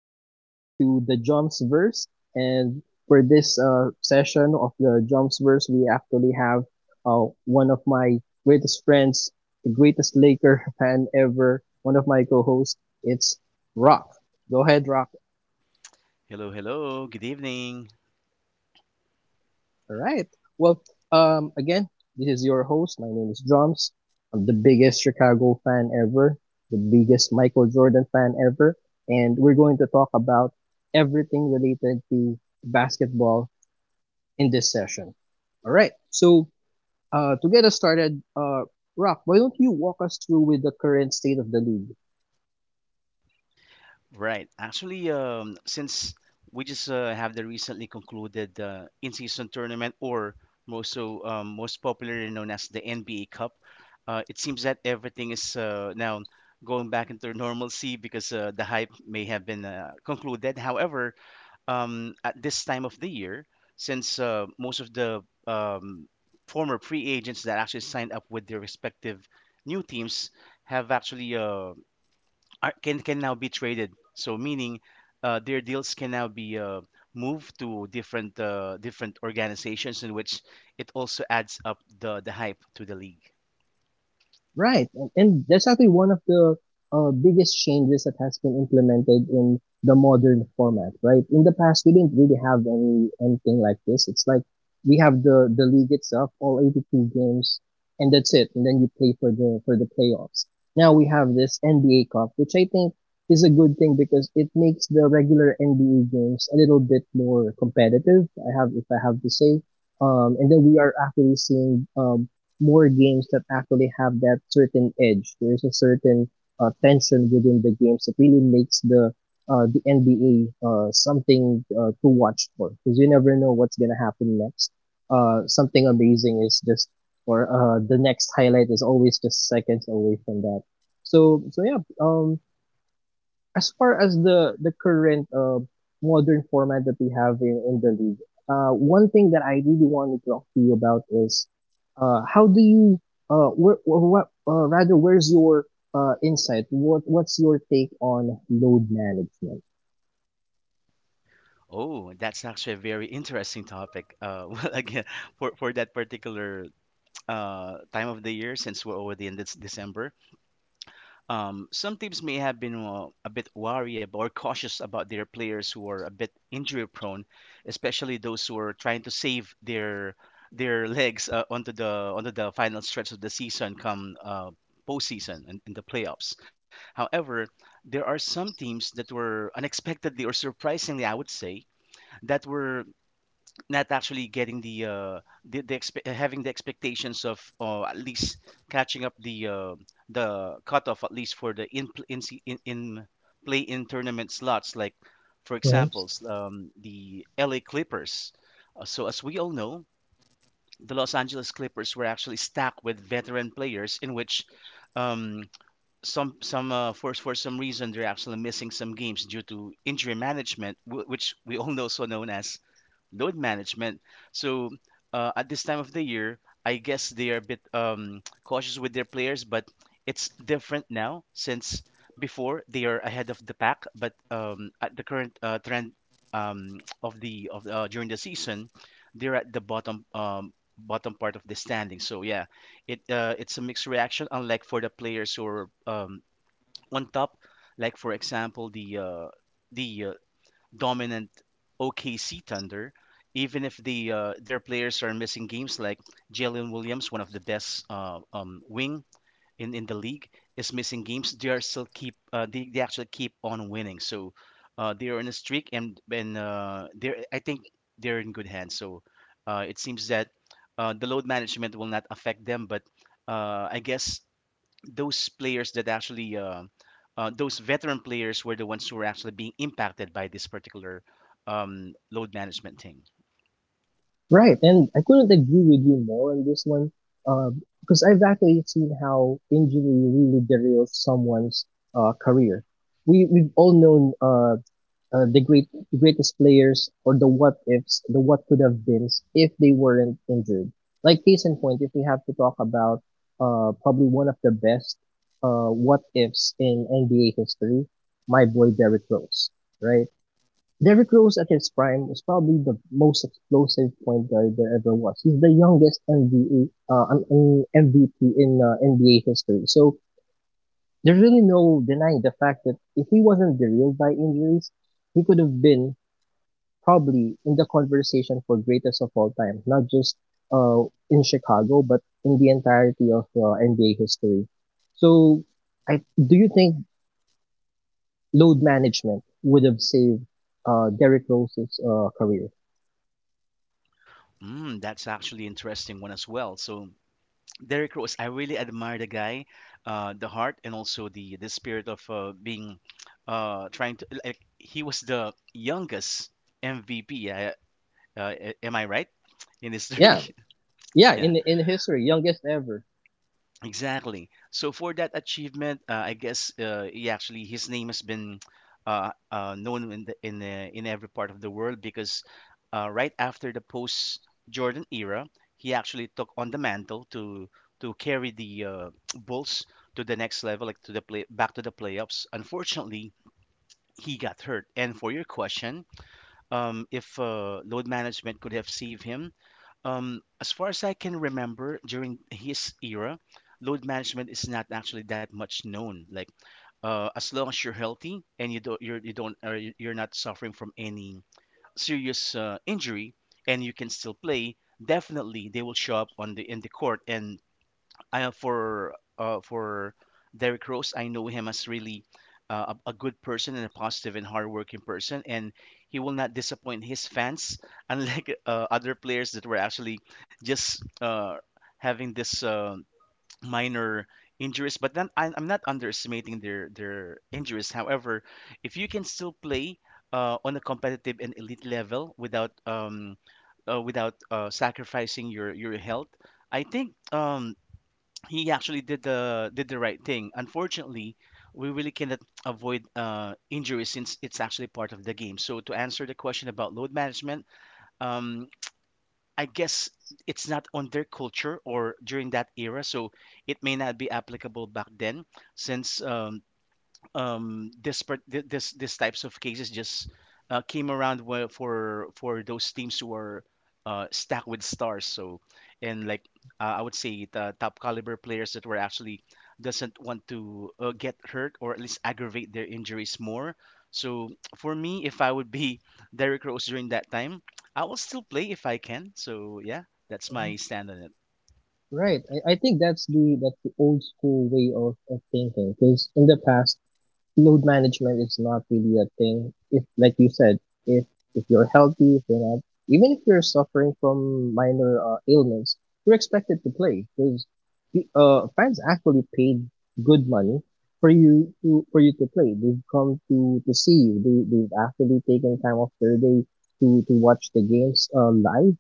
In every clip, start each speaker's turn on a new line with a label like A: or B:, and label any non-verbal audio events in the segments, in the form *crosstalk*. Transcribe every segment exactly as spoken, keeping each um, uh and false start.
A: everybody to the Jumpsverse. And for this uh, session of the Jumpsverse, we actually have uh, one of my greatest friends, the greatest Laker *laughs* fan ever, one of my co-hosts. It's Rock. Go ahead, Rock.
B: Hello, hello. Good evening.
A: All right. Well, um, again, this is your host. My name is Drums. I'm the biggest Chicago fan ever, the biggest Michael Jordan fan ever, and we're going to talk about everything related to basketball in this session. All right. So, uh, to get us started, uh, Rock, why don't you walk us through with the current state of the league?
B: Right. Actually, um, since we just uh, have the recently concluded uh, in-season tournament, or most so um, most popularly known as the N B A Cup, uh, it seems that everything is uh, now going back into normalcy because uh, the hype may have been uh, concluded. However, um, at this time of the year, since uh, most of the um, former free agents that actually signed up with their respective new teams have actually uh, are, can can now be traded. So meaning, uh, their deals can now be uh, moved to different uh, different organizations, in which it also adds up the the hype to the league.
A: Right, and, and that's actually one of the uh, biggest changes that has been implemented in the modern format. Right, in the past we didn't really have any anything like this. It's like we have the the league itself, all eighty-two games, and that's it. And then you play for the for the playoffs. Now we have this N B A Cup, which I think is a good thing because it makes the regular N B A games a little bit more competitive. I have, if I have to say, um, and then we are actually seeing uh, more games that actually have that certain edge. There's a certain uh, tension within the games that really makes the uh, the N B A uh, something uh, to watch for because you never know what's gonna happen next. Uh, something amazing is just or uh, the next highlight is always just seconds away from that. So so yeah, um, as far as the the current uh, modern format that we have in, in the league, uh, one thing that I really want to talk to you about is uh, how do you uh, where, or what uh, rather where's your uh, insight? What what's your take on load management?
B: Oh, that's actually a very interesting topic. Uh, *laughs* well, again, for, for that particular uh, time of the year, since we're already in this December. Um, some teams may have been uh, a bit wary ab- or cautious about their players who are a bit injury prone, especially those who are trying to save their their *laughs* legs uh, onto the onto the final stretch of the season come uh, postseason and in the playoffs. However, there are some teams that were unexpectedly or surprisingly, I would say, that were not actually getting the uh the, the expe- uh, having the expectations of uh, at least catching up the uh, the cutoff at least for the in in se- in, in play in tournament slots like for
A: Mhm.
B: example s- um, the L A Clippers. Uh, so as we all know, the Los Angeles Clippers were actually stacked with veteran players, in which um, some some uh, for for some reason they're actually missing some games due to injury management, wh- which we all know so known as load management. So uh, at this time of the year, I guess they are a bit um, *tsk* cautious with their players, but it's different now, since before they are ahead of the pack. But um, at the current uh, trend um, *tsk* of the of the, uh, during the season, they're at the bottom, um, bottom part of the standing. So yeah, it uh, it's a mixed reaction. Unlike for the players who are um, on top, like for example the uh, the uh, dominant O K C Thunder, even if the uh, their players are missing games, like Jalen Williams, one of the best uh, um, wing in, in the league, is missing games. They are still keep uh, they, they actually keep on winning. So uh, they are in a streak, and and uh, they, I think, they're in good hands. So uh, it seems that uh, the load management will not affect them, but uh, I guess those players that actually uh, uh, those veteran players, were the ones who were actually being impacted by this particular um, load management thing.
A: Right, and I couldn't agree with you more on this one, uh, because I've actually seen how injury really derails someone's uh, career. We we've all known uh, uh, the great the greatest players or the what ifs, the what could have beens if they weren't injured. Like case in point, if we have to talk about uh probably one of the best uh what ifs in N B A history, my boy Derrick Rose, right? Derrick Rose at his prime was probably the most explosive point guard there ever was. He's the youngest N B A uh um, um, M V P in uh, N B A history. So there's really no denying the fact that if he wasn't derailed by injuries, he could have been probably in the conversation for greatest of all time, not just uh, in Chicago, but in the entirety of uh, N B A history. So, I, do you think load management would have saved uh, Derrick Rose's uh, career?
B: Mm, that's actually interesting one as well. So Derrick Rose, I really admire the guy, uh, the heart and also the the spirit of uh, being uh, trying to, like, he was the youngest M V P. Uh, uh, am I right in history?
A: Yeah,
B: *laughs*
A: yeah,
B: Yeah.
A: in in history, youngest ever.
B: Exactly. So for that achievement, uh, I guess uh, he actually, his name has been uh, uh, known in the, in the, in every part of the world, because uh, right after the post Jordan era, he actually took on the mantle to to carry the uh, *tsk* Bulls to the next level, like to the play back to the playoffs. Unfortunately, he got hurt. And for your question, um, if uh, load management could have saved him, um, as far as I can remember, during his era, load management is not actually that much known. Like, uh, as long as you're healthy and you don't, you're, you don't, or you- you're not suffering from any serious uh, injury, and you can still play, definitely they will show up on the in the court, and uh, for uh, for Derrick Rose, I know him as really uh, a, a good person and a positive and hardworking person, and he will not disappoint his fans, *laughs* unlike uh, other players that were actually just uh, having this uh, minor injuries. But then I, I'm not underestimating their their injuries. However, if you can still play uh, on a competitive and elite level without um, uh, without uh, sacrificing your your health, I think um, he actually did the did the right thing. Unfortunately, we really cannot avoid uh, injury since it's actually part of the game. So to answer the question about load management, um, I guess it's not on their culture or during that era, so it may not be applicable back then, since um, um this part thi- this this types of cases just uh, came around where- for for those teams who are uh, stacked with stars, so and, like, uh, I would say the top caliber players that were actually doesn't want to uh, get hurt or at least aggravate their injuries more. So for me, if I would be *laughs* Derrick Rose during that time, I will still play if I can. So yeah, that's my stand on it.
A: Right. I, I think that's the that's the old school way of, of thinking because in the past load management is not really a thing. If, like you said, if if you're healthy, if you're not, even if you're suffering from minor uh, ailments, you're expected to play because uh, fans actually paid good money for you to, for you to play. They've come to to see you. They they've actually taken time off their day to to watch the games uh, live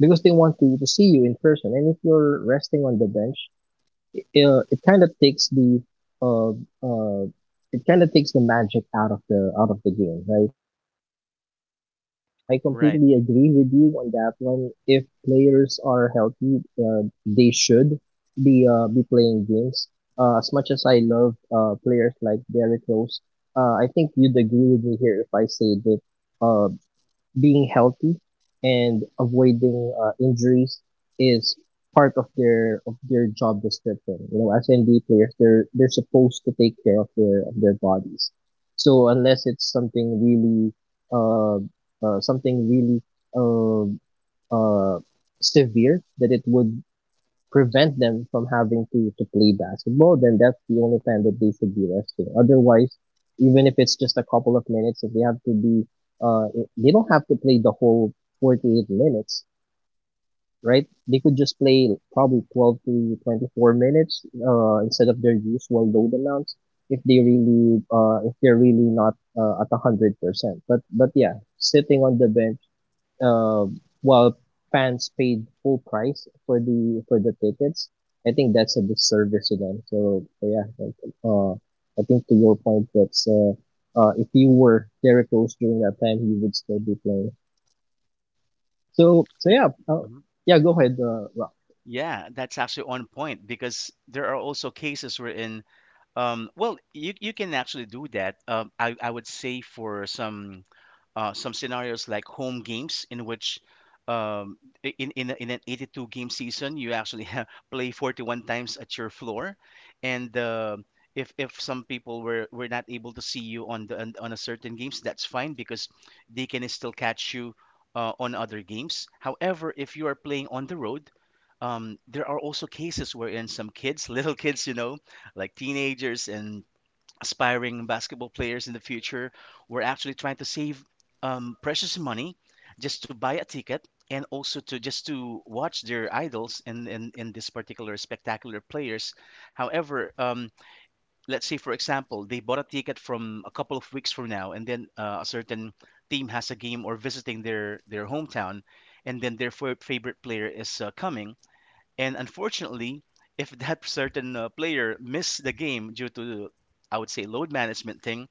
A: because they want to to see you in person. And if you're resting on the bench, it, uh, it kind of takes the uh, uh, it kind of takes the magic out of the out of the game, right? So so yeah, I I
B: Right.
A: completely agree with you on that one. If players are healthy, uh, they should be uh, be playing games. Uh, as much as I love uh, players like Derrick Rose, uh, I think you'd agree with me here if I say that uh, being healthy and avoiding uh, injuries is part of their of their job description. You know, as N B A players, they're they're supposed to take care of their of their bodies. So unless it's something really uh, uh something really uh, uh severe that it would prevent them from having to, to play basketball, then that's the only time that they should be resting. Otherwise, even if it's just a couple of minutes, if they have to be, uh, they don't have to play the whole forty-eight minutes, right? They could just play probably twelve to twenty-four minutes, uh, instead of their usual load amounts if they really, uh, if they're really not, uh, at one hundred percent. But, but yeah, sitting on the bench, uh, while fans paid full price for the for the tickets, I think that's a disservice to them. So, so yeah, like, uh, I think to your point, that's uh, uh, if you were very close during that time, you would still be playing. So so
B: Y-
A: yeah, uh,
B: mhm.
A: yeah, go ahead, uh, Rob.
B: Yeah, that's actually on point, because there are also cases wherein. Um, well, you you can actually do that. Um, I I would say for some uh, some scenarios, like home games, in which um, i- in, in, a- in an eighty-two game season, you actually *laughs* have play forty-one times at your floor. And uh, if, if some people were, were not able to see you on the on, on a certain games, that's fine, because they can still catch you uh, on other games. However, if you are playing on the road, um, there are also cases wherein some kids, *laughs* little kids you know like teenagers and aspiring basketball players in the future, were actually trying to save um, precious money just to buy a ticket and also to just to watch their idols and in, in, in this particular spectacular players. However, um, let's say for example they bought a ticket from a couple of weeks from now, and then uh, a certain team has a game or visiting their their hometown, and then their fa- favorite player is uh, coming, and unfortunately, if that *laughs* certain uh, player missed the game due to, I would say, load management thing,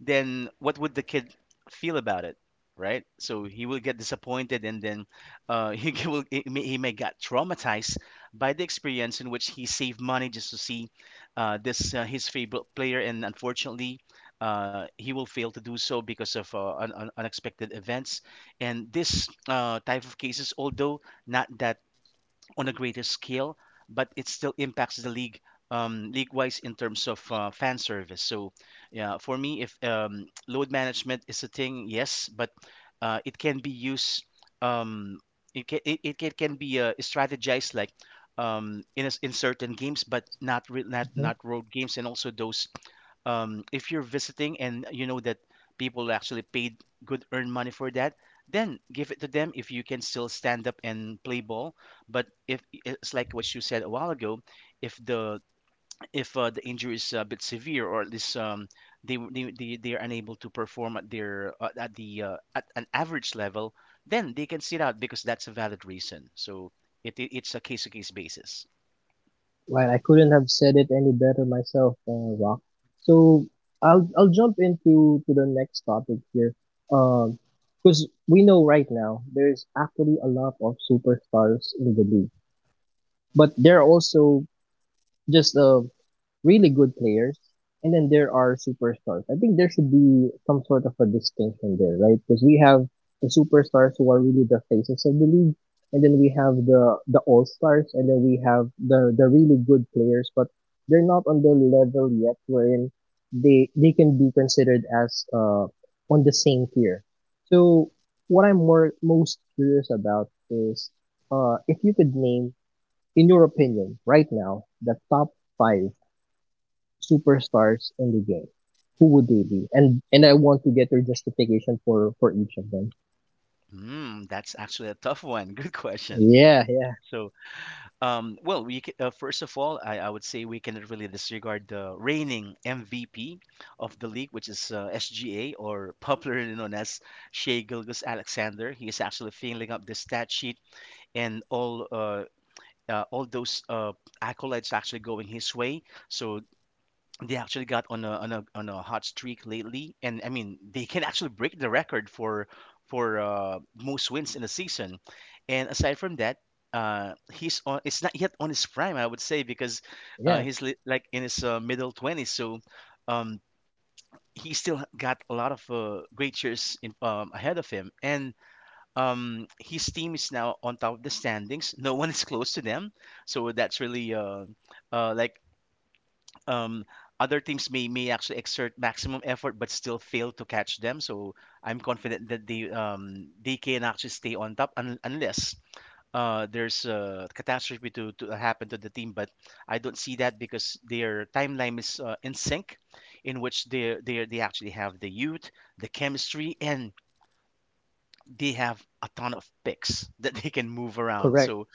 B: then what would the kid feel about it, right? So he will get disappointed, and then uh, *laughs* he g- will he may, he may get traumatized by the experience, in which he saved money just to see uh, this uh, his favorite player, and unfortunately, Uh, he will fail to do so because of uh, un- un- unexpected events. And this uh, type of cases, although not that on a greater scale, but it still impacts the league um, league-wise in terms of uh, fan service. So, yeah, for me, if um, *tsk* load management is a thing, yes, but uh, it can be used. Um, it can it, it can can be uh, strategized, like um, in a s in certain games, but not re- not
A: Mhm.
B: not road games, and also those um, if you're visiting and you know that people actually paid good earned money for that, then give it to them if you can still stand up and play ball. But if it's like what you said a while ago, if the if uh, the injury is a bit severe or at least um, they, they they they are unable to perform at their uh, at the uh, at an average level, then they can sit out because that's a valid reason. So it, it it's a case to case basis.
A: Well, I couldn't have said it any better myself, uh, Rock. So I'll I'll jump into to the next topic here, because we know right now there's actually a lot of superstars in the league, but there are also just a really good players, and then there are superstars. I think there should be some sort of a distinction there, right? Because we have the superstars who are really the faces of the league, and then we have the the all stars, and then we have the the really good players, but they're not on the level yet wherein they they can be considered as uh on the same tier. So what I'm more most curious about is uh if you could name, in your opinion, right now, the top five superstars in the game, who would they be? And and I want to get your justification for for each of them.
B: Hmm, that's actually a tough one. *laughs* Good question.
A: Yeah, yeah,
B: So Um, well, we c- uh, first of all, I, I would say we cannot really disregard the reigning M V P of the league, which is uh, S G A, or popularly known as Shea Gilgis Alexander. He is actually filling up the stat sheet, and all uh, uh, all those uh, accolades are actually going his way. So they actually got on a on a on a hot streak lately, and I mean they can actually break the record for for uh, most wins in a season. And aside from that, uh, he's on. It's not yet on his prime, I would say, because uh,
A: yeah.
B: he's li- like in his uh, middle twenties. So um, he still got a lot of uh, great years in, um, ahead of him, and um, his team is now on top of the standings. No one is close to them, so that's really uh, uh, like, um, other teams may may actually exert maximum effort but still fail to catch them. So I'm confident that they um, they can actually stay on top, un- unless uh, there's a catastrophe to, to happen to the team. But I don't see that because their timeline is uh, in sync, in which they they they actually have the youth, the chemistry, and they have a ton of picks *laughs* that they can move around.
A: Correct.
B: So,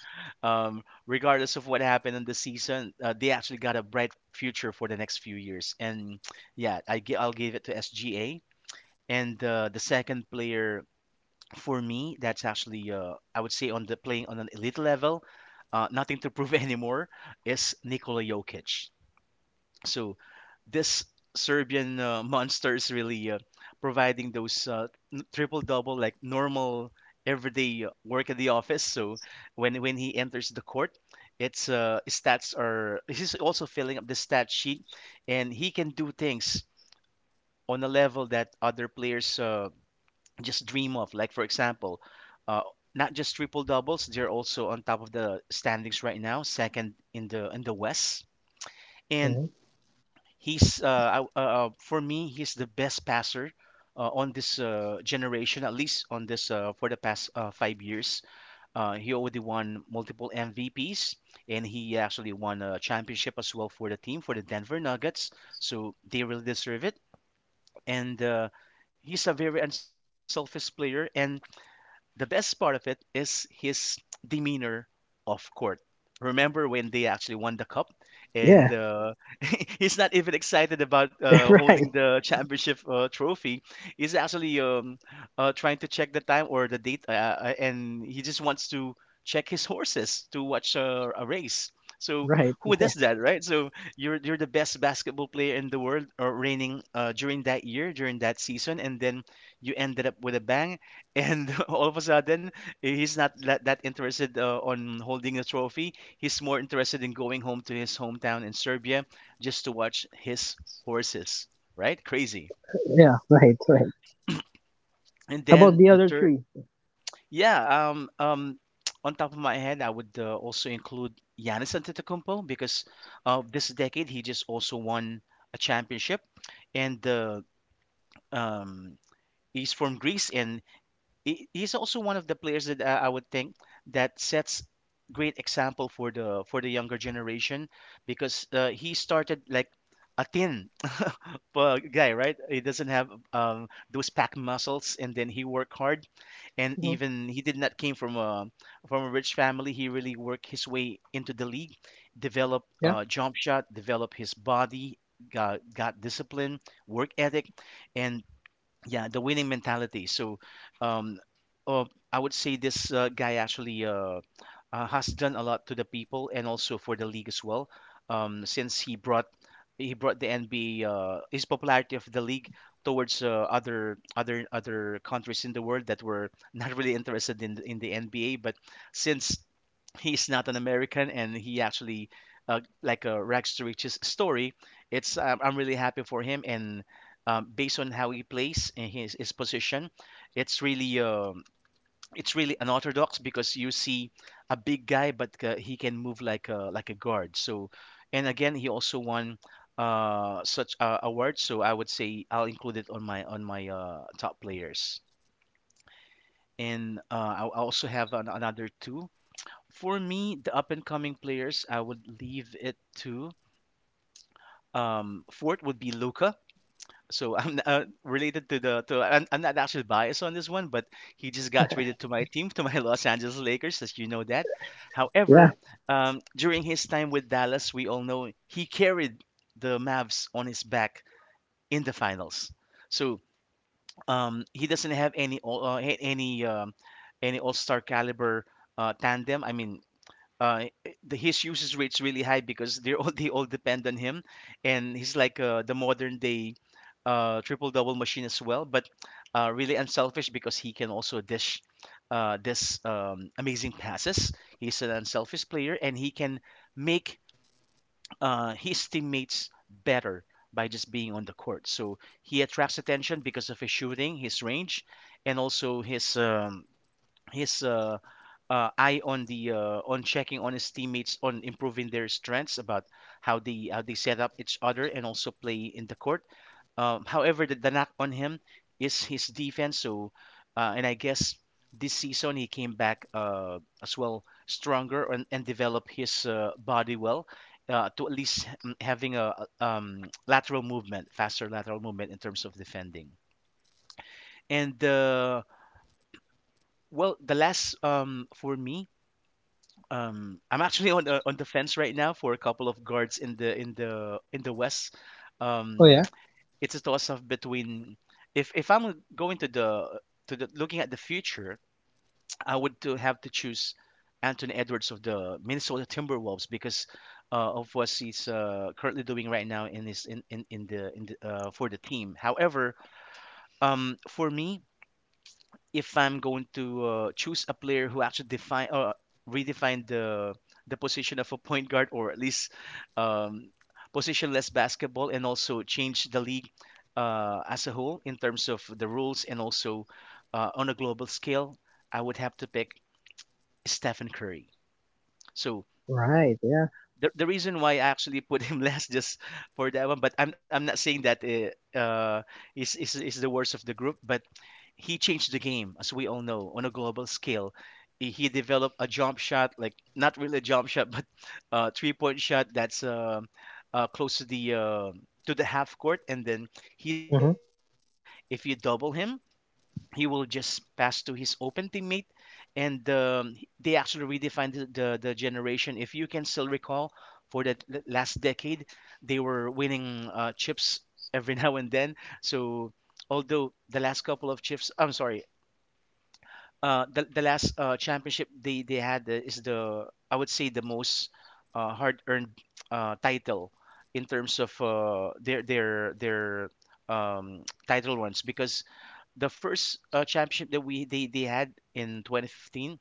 B: um, regardless of what happened in the season, uh, they actually got a bright future for the next few years. And yeah, I gi- I'll give it to S G A. And uh, the second player for me, that's actually uh, I would say on the playing on an elite level, uh, nothing to prove *laughs* anymore, is Nikola Jokic. So this Serbian uh, monster is really uh, providing those uh, n- triple double like normal everyday uh, work at the office. So when when he enters the court, it's uh, his stats are he's also filling up the stat sheet, and he can do things on a level that other players uh, just dream of. Like for example, uh, not just triple doubles, they're also on top of the standings right now, second in the in the West. And
A: Mhm.
B: he's uh, I- uh, uh, for me, he's the best passer uh, on this uh, generation, at least on this uh, for the past uh, five years. Uh, he already won multiple M V Ps, and he actually won a championship as well for the team for the Denver Nuggets. So they really deserve it. And uh, he's a very unselfish player, and the best part of it is his demeanor off court. Remember when they actually won the cup, and
A: Yeah,
B: uh, *laughs* he's not even excited about
A: *laughs*
B: uh,
A: right,
B: holding the championship uh, trophy. He's actually um, uh, trying to check the time or the date, uh, uh, and he just wants to check his horses to watch uh, a race. So
A: right.
B: who
A: *laughs*
B: does that, right? So you're you're the best basketball player in the world, or reigning uh, during that year, during that season, and then you ended up with a bang and *laughs* all of a sudden eh, he's not that, that interested uh, on holding the trophy. He's more interested in going home to his hometown in Serbia just to watch his horses. Right, crazy.
A: Yeah, right, right.
B: And
A: How about
B: then
A: the
B: the
A: other
B: third,
A: three?
B: yeah, um um *tsk* on top of my head I would uh, also include Giannis Antetokounmpo because of this decade he just also won a championship. And the um he's from Greece, and he- he's also one of the players that uh, I would think that sets great example for the for the younger generation because uh, he started like a thin *laughs* uh, guy, right? He doesn't have um, those pack muscles, and then he worked hard, and
A: Mhm.
B: even he did not came from a from a rich family. He really worked his way into the league, developed
A: Yeah,
B: uh, jump shot, developed his body, got got discipline, work ethic, and yeah, the winning mentality. So um uh, I would say this uh, guy actually uh, uh, has done a lot to the people and also for the league as well. Um, since he brought he brought the N B A uh, his popularity of the league towards uh, other other other countries in the world that were *laughs* not really interested in in the N B A, but since he's not an American and he actually uh, like a rags to riches story. It's um, I'm really happy for him. And um, based on how he plays and his his position, it's really um it's really unorthodox because you see a big guy, but uh, he can move like a like a guard. So, and again, he also won uh, such uh, awards. So I would say I'll include it on my on my uh, top players. And uh, I I also have an, another two. For me, the up and coming players, I would leave it to um, fourth would be Luca. So I'm uh, related to the to I'm, I'm not actually biased on this one, but he just got traded to my team, to my *laughs* Los Angeles Lakers, as you know that.
A: yeah.
B: However, um, during his time with Dallas, we all know he carried the Mavs on his back in the finals. So um, he doesn't have any all- uh, a- any um, any All Star caliber uh, tandem. I mean, uh, i- the, his usage rate's really high because they're all *laughs* they all depend on him, and he's like uh, the modern day uh, triple double machine as well, but uh, really unselfish because he can also dish uh, this um, amazing passes. He's an unselfish player, and he can make uh, his teammates better by just being on the court. So he attracts attention because of his shooting, his range, and also his um, his uh, uh, eye on the uh, on checking on his teammates on improving their strengths about how they how they set up each other and also play in the court. Um, however, the, the knock on him is his defense. So, uh, and I guess this season he came back uh, as well stronger, and, and developed his uh, body well. Uh, to at least mm, having a a, um, lateral movement, faster lateral movement in terms of defending. And uh, well, the last um, for me, Um, I'm actually on the, on the fence right now for a couple of guards in the in the in the West.
A: Oh
B: Um,
A: yeah.
B: *tsk* it's a toss up between if if I'm going to the to the looking at the future, *tsk* I would to have to choose Anthony Edwards of the Minnesota Timberwolves because uh, of what he's uh, currently doing right now in his in, in, in the in the, uh, for the team. However, um, for me, if I'm going to uh, choose a player who actually define or redefine the the position of a point guard or at least um, positionless basketball and also change the league uh, as a whole in terms of the rules and also uh, on a global scale, I would have to pick Stephen Curry. So
A: Right. Yeah.
B: the, the reason why I actually put him *laughs* last just for that one, but I'm, I'm not saying that uh, uh, is, is is the worst of the group, but he changed the game, as we all know, on a global scale. He he developed a jump shot, like not really a jump shot, *laughs* but a three-point shot that's uh, uh, close to the uh, to the half court, and then he's really
A: Mm-hmm.
B: unguardable. If you double him, he will just pass to his open teammate. And um, they actually redefined the, the, the generation. If you can still recall for that l- last decade, they were winning uh, chips every *laughs* now and then. So although the last couple of chips, I'm sorry, uh, the, the last uh, championship they, they had uh, is the I would say the most uh, hard earned uh, title in terms of uh, their their their um, *tsk* title runs because the first uh, championship that we they, they had in twenty fifteen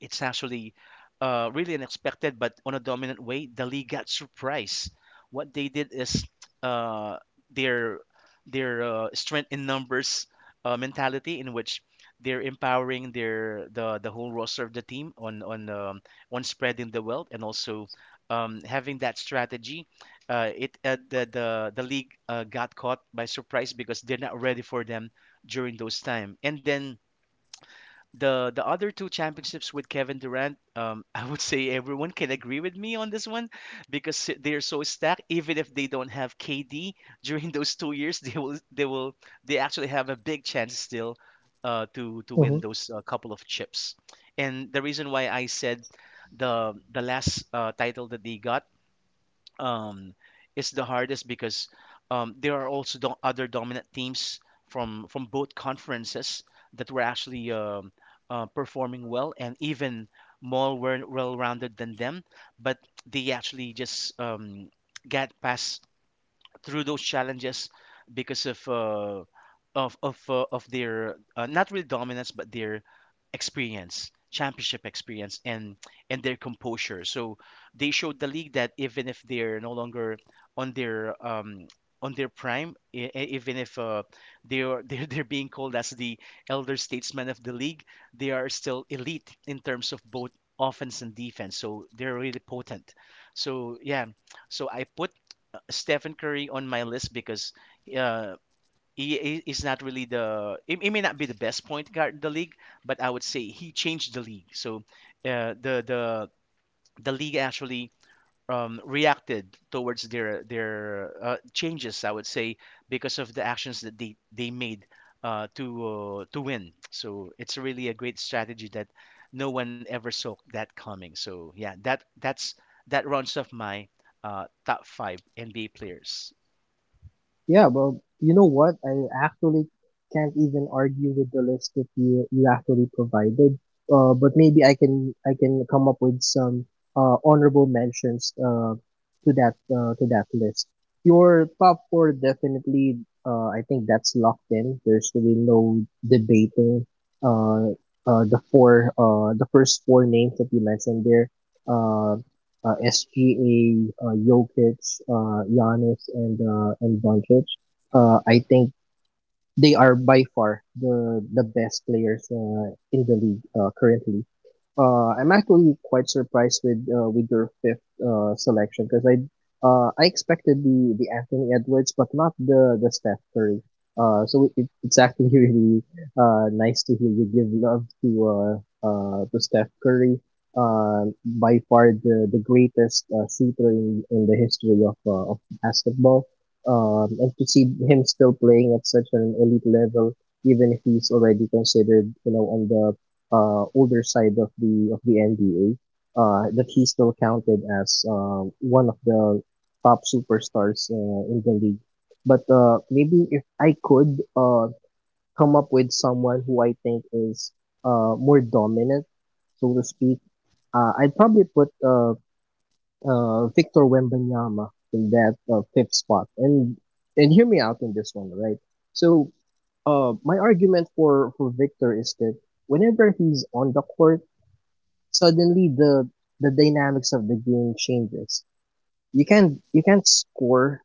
B: it's actually uh, really unexpected, but on a dominant way, the league got surprised. What they did is uh, their their uh, strength in numbers uh, mentality, in which they're empowering their the, the whole roster of the team on on um, on spreading the wealth and also um, having that strategy. Uh, it uh, the, the the league uh, got caught by surprise because they're not ready for them during those time. And then the the other two championships with Kevin Durant, um, *laughs* I would say everyone can agree with me on this one because they're so stacked. Even if they don't have K D *laughs* during those two years, they will they will they actually have a big chance still uh, to to win
A: Mm-hmm.
B: those uh, couple of chips. And the reason why I said the the last uh, title that they got, um, is the hardest because um, there are also do- other dominant teams from from both conferences that were actually um uh, performing well and even more well rounded than them. But they actually just um, got past through those challenges because of uh, of of uh, of their uh, not really dominance but their experience, championship experience, and and their composure. So they showed the league that even if they're no longer on their um on their prime, e- e- even if uh, they are *laughs* they're, they're being called as the elder statesmen of the league, they are still elite in terms of both offense and defense. So they're really potent. So yeah, so I put Stephen Curry on my list because uh, he he is not really the he, he may not be the best point guard in the league, but I would say he changed the league. So uh, the the the league actually um, reacted towards their their uh, changes, I would say, because of the actions that they they made uh, to uh, to win. So it's really a great strategy that no one ever saw that coming. So yeah, that that's that rounds off my uh, top five N B A players.
A: Yeah, but you know what? I actually can't even argue with the list that you you actually provided. Uh, but maybe I can I can come up with some uh honorable mentions uh to that uh, to that list. Your top four definitely uh I think that's locked in. There's really no debating uh uh the four uh the first four names that you mentioned there. Uh, uh, S G A, uh, Jokic, uh, Giannis, and uh, and Doncic. Uh, I think they are by far the the best players uh, in the league uh, currently. Uh, I'm actually quite surprised with uh, with your fifth uh, selection because I uh, I expected the, the Anthony Edwards, but not the the Steph Curry. Uh, so it, it's actually *laughs* really uh, nice to hear you give love to uh, uh, to Steph Curry. Uh, by far the the greatest uh, shooter in, in the history of uh, of basketball. Um, and to see him still playing at such an elite level, even if he's already considered you know on the uh, older side of the of the N B A, uh, that he's still counted as um, one of the top superstars uh, in the league. But uh, maybe if I could uh, come up with someone who I think is uh, more dominant, so to speak, uh, I'd probably put uh, uh, Victor Wembanyama in that uh, fifth spot. And and hear me out on this one, right? So uh, my argument for for Victor is that whenever he's on the court, suddenly the the dynamics of the game changes. You can not you can't score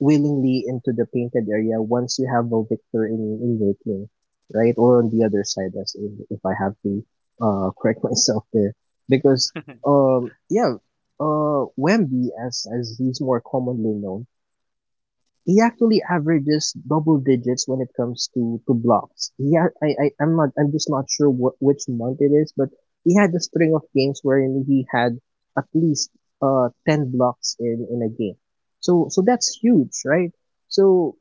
A: willingly into the painted area once you have a victor in in your team, right? Or on the other side, as if, if I have to uh *laughs* correct myself there, because um yeah uh Wemby as as he's more commonly known he actually averages double digits when it comes to to blocks. He ha- I, I I'm not I'm just not sure what which month it is, but he had a string of games wherein he had at least uh ten blocks in in a game. So so that's huge, right? So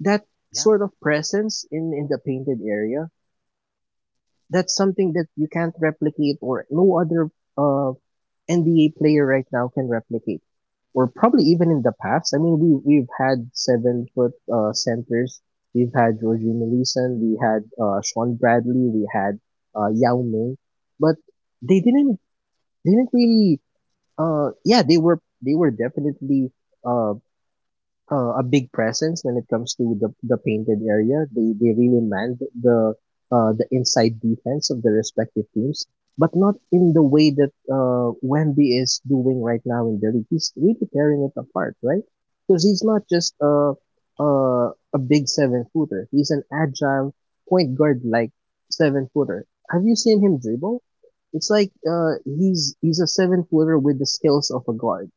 A: that
B: Yeah,
A: sort of presence in in the painted area that's something that you can't replicate or no other uh N B A player right now can replicate, or probably even in the past. I mean, we we've had seven foot uh, centers. We've had Jorginho Leeson, we had uh, Sean Bradley, we had uh, Yao Ming, but they didn't they didn't really. Uh, yeah, they were they were definitely uh, uh, a big presence when it comes to the, the painted area. They they really manned the uh, the inside defense of the respective teams, but not in the way that uh, Wemby is doing right now in the league. He's really tearing it apart, right? Because he's not just a a, a big seven footer. He's an agile point guard like seven footer. Have you seen him dribble? It's like uh, he's he's a seven footer with the skills of a guard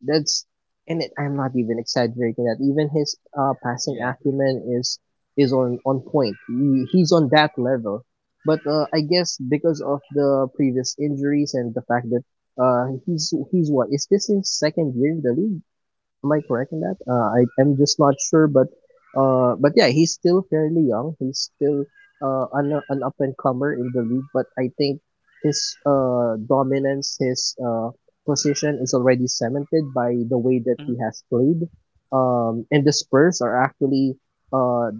A: that's and it, I'm not even exaggerating that. Even his uh, passing
B: yeah.
A: acumen is is on on point. He, he's on that level. But uh, I guess because of the previous injuries and the fact that uh, he's he's what is this, his second year in the league? Am I correct in that? Uh, I am just not sure, but uh, but yeah, he's still fairly young. He's still uh, an an up and comer in the league, but I think his uh, dominance, his uh, position is already cemented by the way that he
B: hmm
A: has played. Um, and the Spurs are actually uh,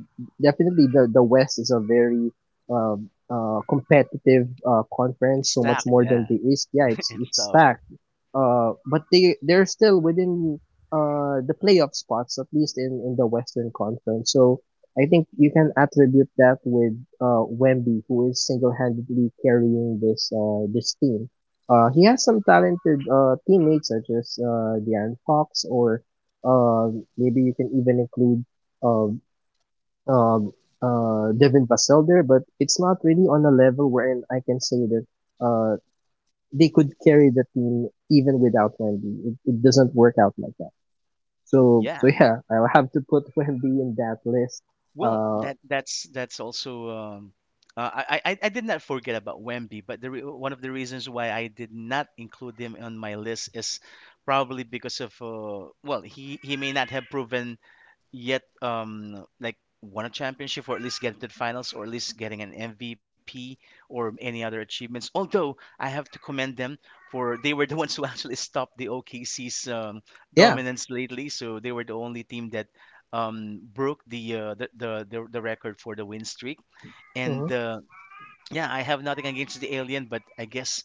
A: definitely— the the West is a very um, uh, competitive uh, conference, so much
B: Stack,
A: more than the
B: yeah,
A: East. Yeah, it's it's
B: stuff.
A: stacked. Uh, but they they're still within uh, the playoff spots, at least in, in the Western Conference. So I think you can attribute that with uh, Wemby, who is single-handedly carrying this uh, this team. Uh, he has some talented uh, teammates such as uh, De'Aaron Fox, or uh, maybe you can even include um, um, uh, Devin Vassell there, but it's not really on a level wherein I can say that uh, they could carry the team even without Wemby. It, it doesn't work out like that. So so
B: Yeah.
A: yeah, I will have to put Wemby in that list.
B: Well,
A: Uh,
B: that that's that's also um uh, I, I I did not forget about Wemby, but the re- one of the reasons why I did not include him on my list is probably because of uh well, he he may not have proven yet um like won a championship or at least get to the finals or at least getting an M V P or any other achievements. Although I have to commend them for they were the *laughs* ones who actually stopped the O K C's um,
A: yeah,
B: dominance lately. So they were the only team that um, broke the, uh, the, the the the record for the win streak. And
A: hmm
B: uh, yeah, I have nothing against the alien, but I guess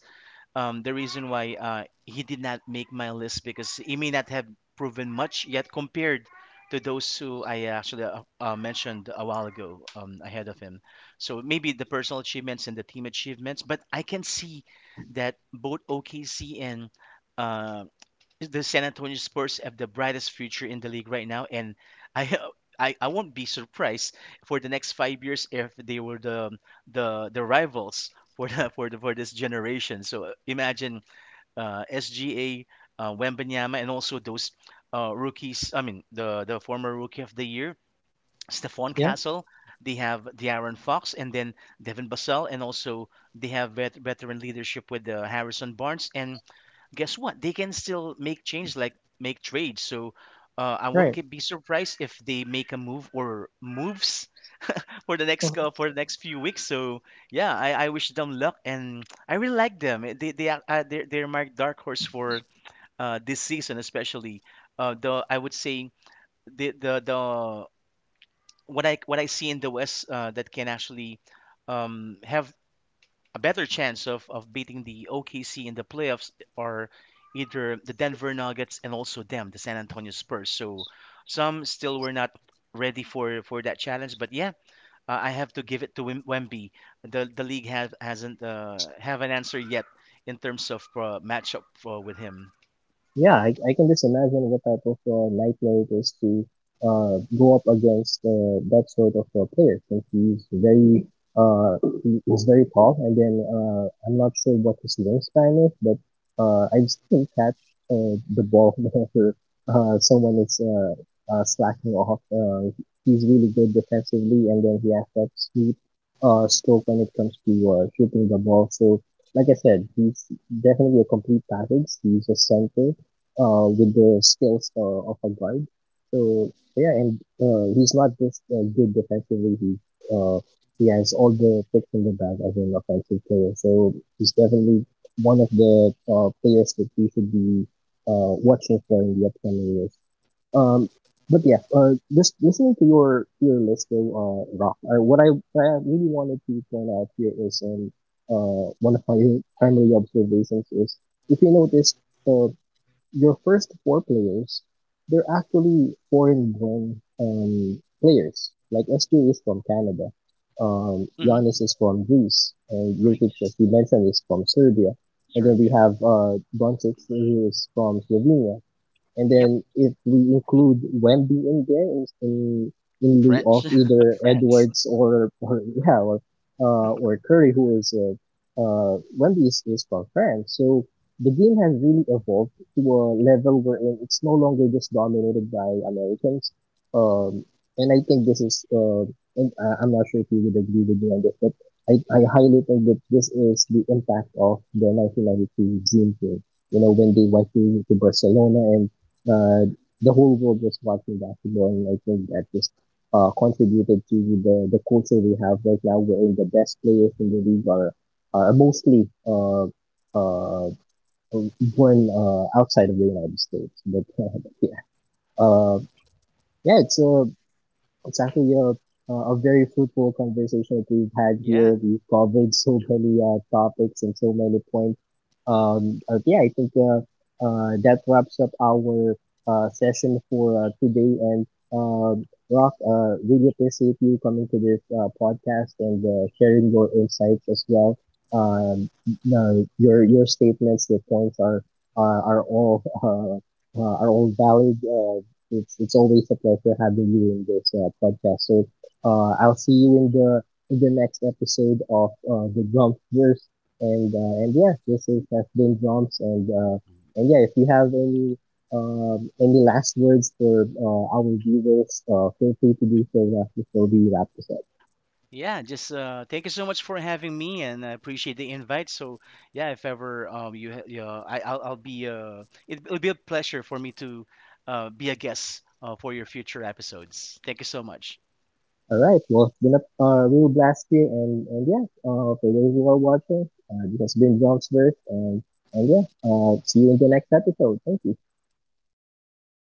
B: um, the reason why uh, he did not make my list because he may not have proven much yet compared to those who I actually uh, uh, mentioned a while ago um, ahead of him. So maybe the personal achievements and the team achievements, but I can see that both O K C and uh, the San Antonio Spurs have the brightest future in the league right now. And I *laughs* I, I won't be surprised for the next five years if they were the the the rivals for the, *laughs* for the, for this generation. So uh, imagine uh, S G A, uh, Wembanyama, and also those uh, rookies. I mean the the former rookie of the year, Stephon
A: yeah,
B: Castle. They have De'Aaron Fox and then Devin Vassell, and also they have vet- veteran leadership with uh, Harrison Barnes. And guess what? They can still make change, like make trades. So uh, I won't
A: right.
B: get be surprised if they make a move or moves *laughs* for the next cou- for the next few weeks. So yeah, I, I wish them luck, and I really like them. Eh, They they are uh, they're, they're my dark horse for uh, this season, especially. Uh, the I would say the the the what I what I see in the West uh, that can actually um, have a better chance of, of beating the O K C in the playoffs are either the Denver Nuggets and also them, the San Antonio Spurs. So some still were not ready for, for that challenge. But yeah, uh, I have to give it to Wem- Wemby. The the league has hasn't uh, have an answer yet in terms of uh, matchup uh, with him.
A: Yeah, I, I can just imagine what type of uh, nightmare it is to uh, go up against uh, that sort of uh, player. Since he's very uh, he is very tall, and then uh, I'm not sure what his wingspan is, but uh, I just can catch uh, the ball *laughs* whenever uh, someone is uh, uh, slacking off. Uh, he's really good defensively, and then he has that sweet uh, stroke when it comes to uh, shooting the ball. So, like I said, he's definitely a complete package. He's a center uh, with the skills uh, of a guard. So yeah, and uh, he's not just uh, good defensively. He uh, he has all the tricks in the bag as an offensive player. So he's definitely one of the uh, players that we should be uh, watching for in the upcoming years. Um, but yeah, uh, just listening to your to your list though, uh, Rock. Uh, what I what I really wanted to point out here is um, uh, one of my primary observations is, if you notice, uh, your first four players, they're actually foreign-born um, players. Like S J is from Canada, um,
B: hmm
A: Giannis is from Greece, and Jokic, as
B: Greece,
A: you mentioned, is from Serbia. And then we
B: Serbia.
A: have uh, Doncic, who is from Slovenia. And
B: Yep,
A: then if we include Wemby in there in in, in lieu
B: French,
A: of
B: *laughs*
A: either
B: France.
A: Edwards, or, or yeah or uh, or Curry, who is uh, uh, Wemby is, is from France, so the game has really evolved to a level where it's no longer just dominated by Americans. Um, and I think this is, uh, and I- am not sure if you would agree with me on this, but I, I highly think that this is the impact of the nineteen ninety-two Dream Team. You know, when they went to, to Barcelona and uh, the whole world was watching basketball, and I think that just uh, contributed to the the culture we have right now, wherein the best players in the league are are mostly uh, uh, born uh, outside of the United States. But *laughs* uh, yeah, uh, yeah, it's a— it's actually a a very fruitful conversation that we've had
B: Yeah.
A: here. We've covered so many uh, topics and so many points. Um, uh, yeah, I think uh, uh, that wraps up our uh, session for uh, today. And um, Rock, uh, really appreciate you coming to this uh, podcast and uh, sharing your insights as well. Um, no, your your statements, your points are are, are all uh, uh, are all valid. Uh, it's it's always a pleasure having you in this uh, podcast. So uh, I'll see you in the in the next episode of uh, the Drumpverse. And uh, and yeah, this is has been Drums. And uh, and yeah, if you have any um, any last words for uh, our viewers, uh, feel free to do so now before we wrap this up.
B: Yeah, just uh, thank you so much for having me, and I appreciate the invite. So yeah, if ever um you, ha- you uh, I I'll, I'll be uh it, it'll be a pleasure for me to uh be a guest uh, for your future episodes. Thank you so much.
A: All right. Well, it's been a uh, real blast here, and and yeah, uh, for those who are watching, uh, this has been Drums Verse, and and yeah, uh, see you in the next episode. Thank you.
B: Thank you.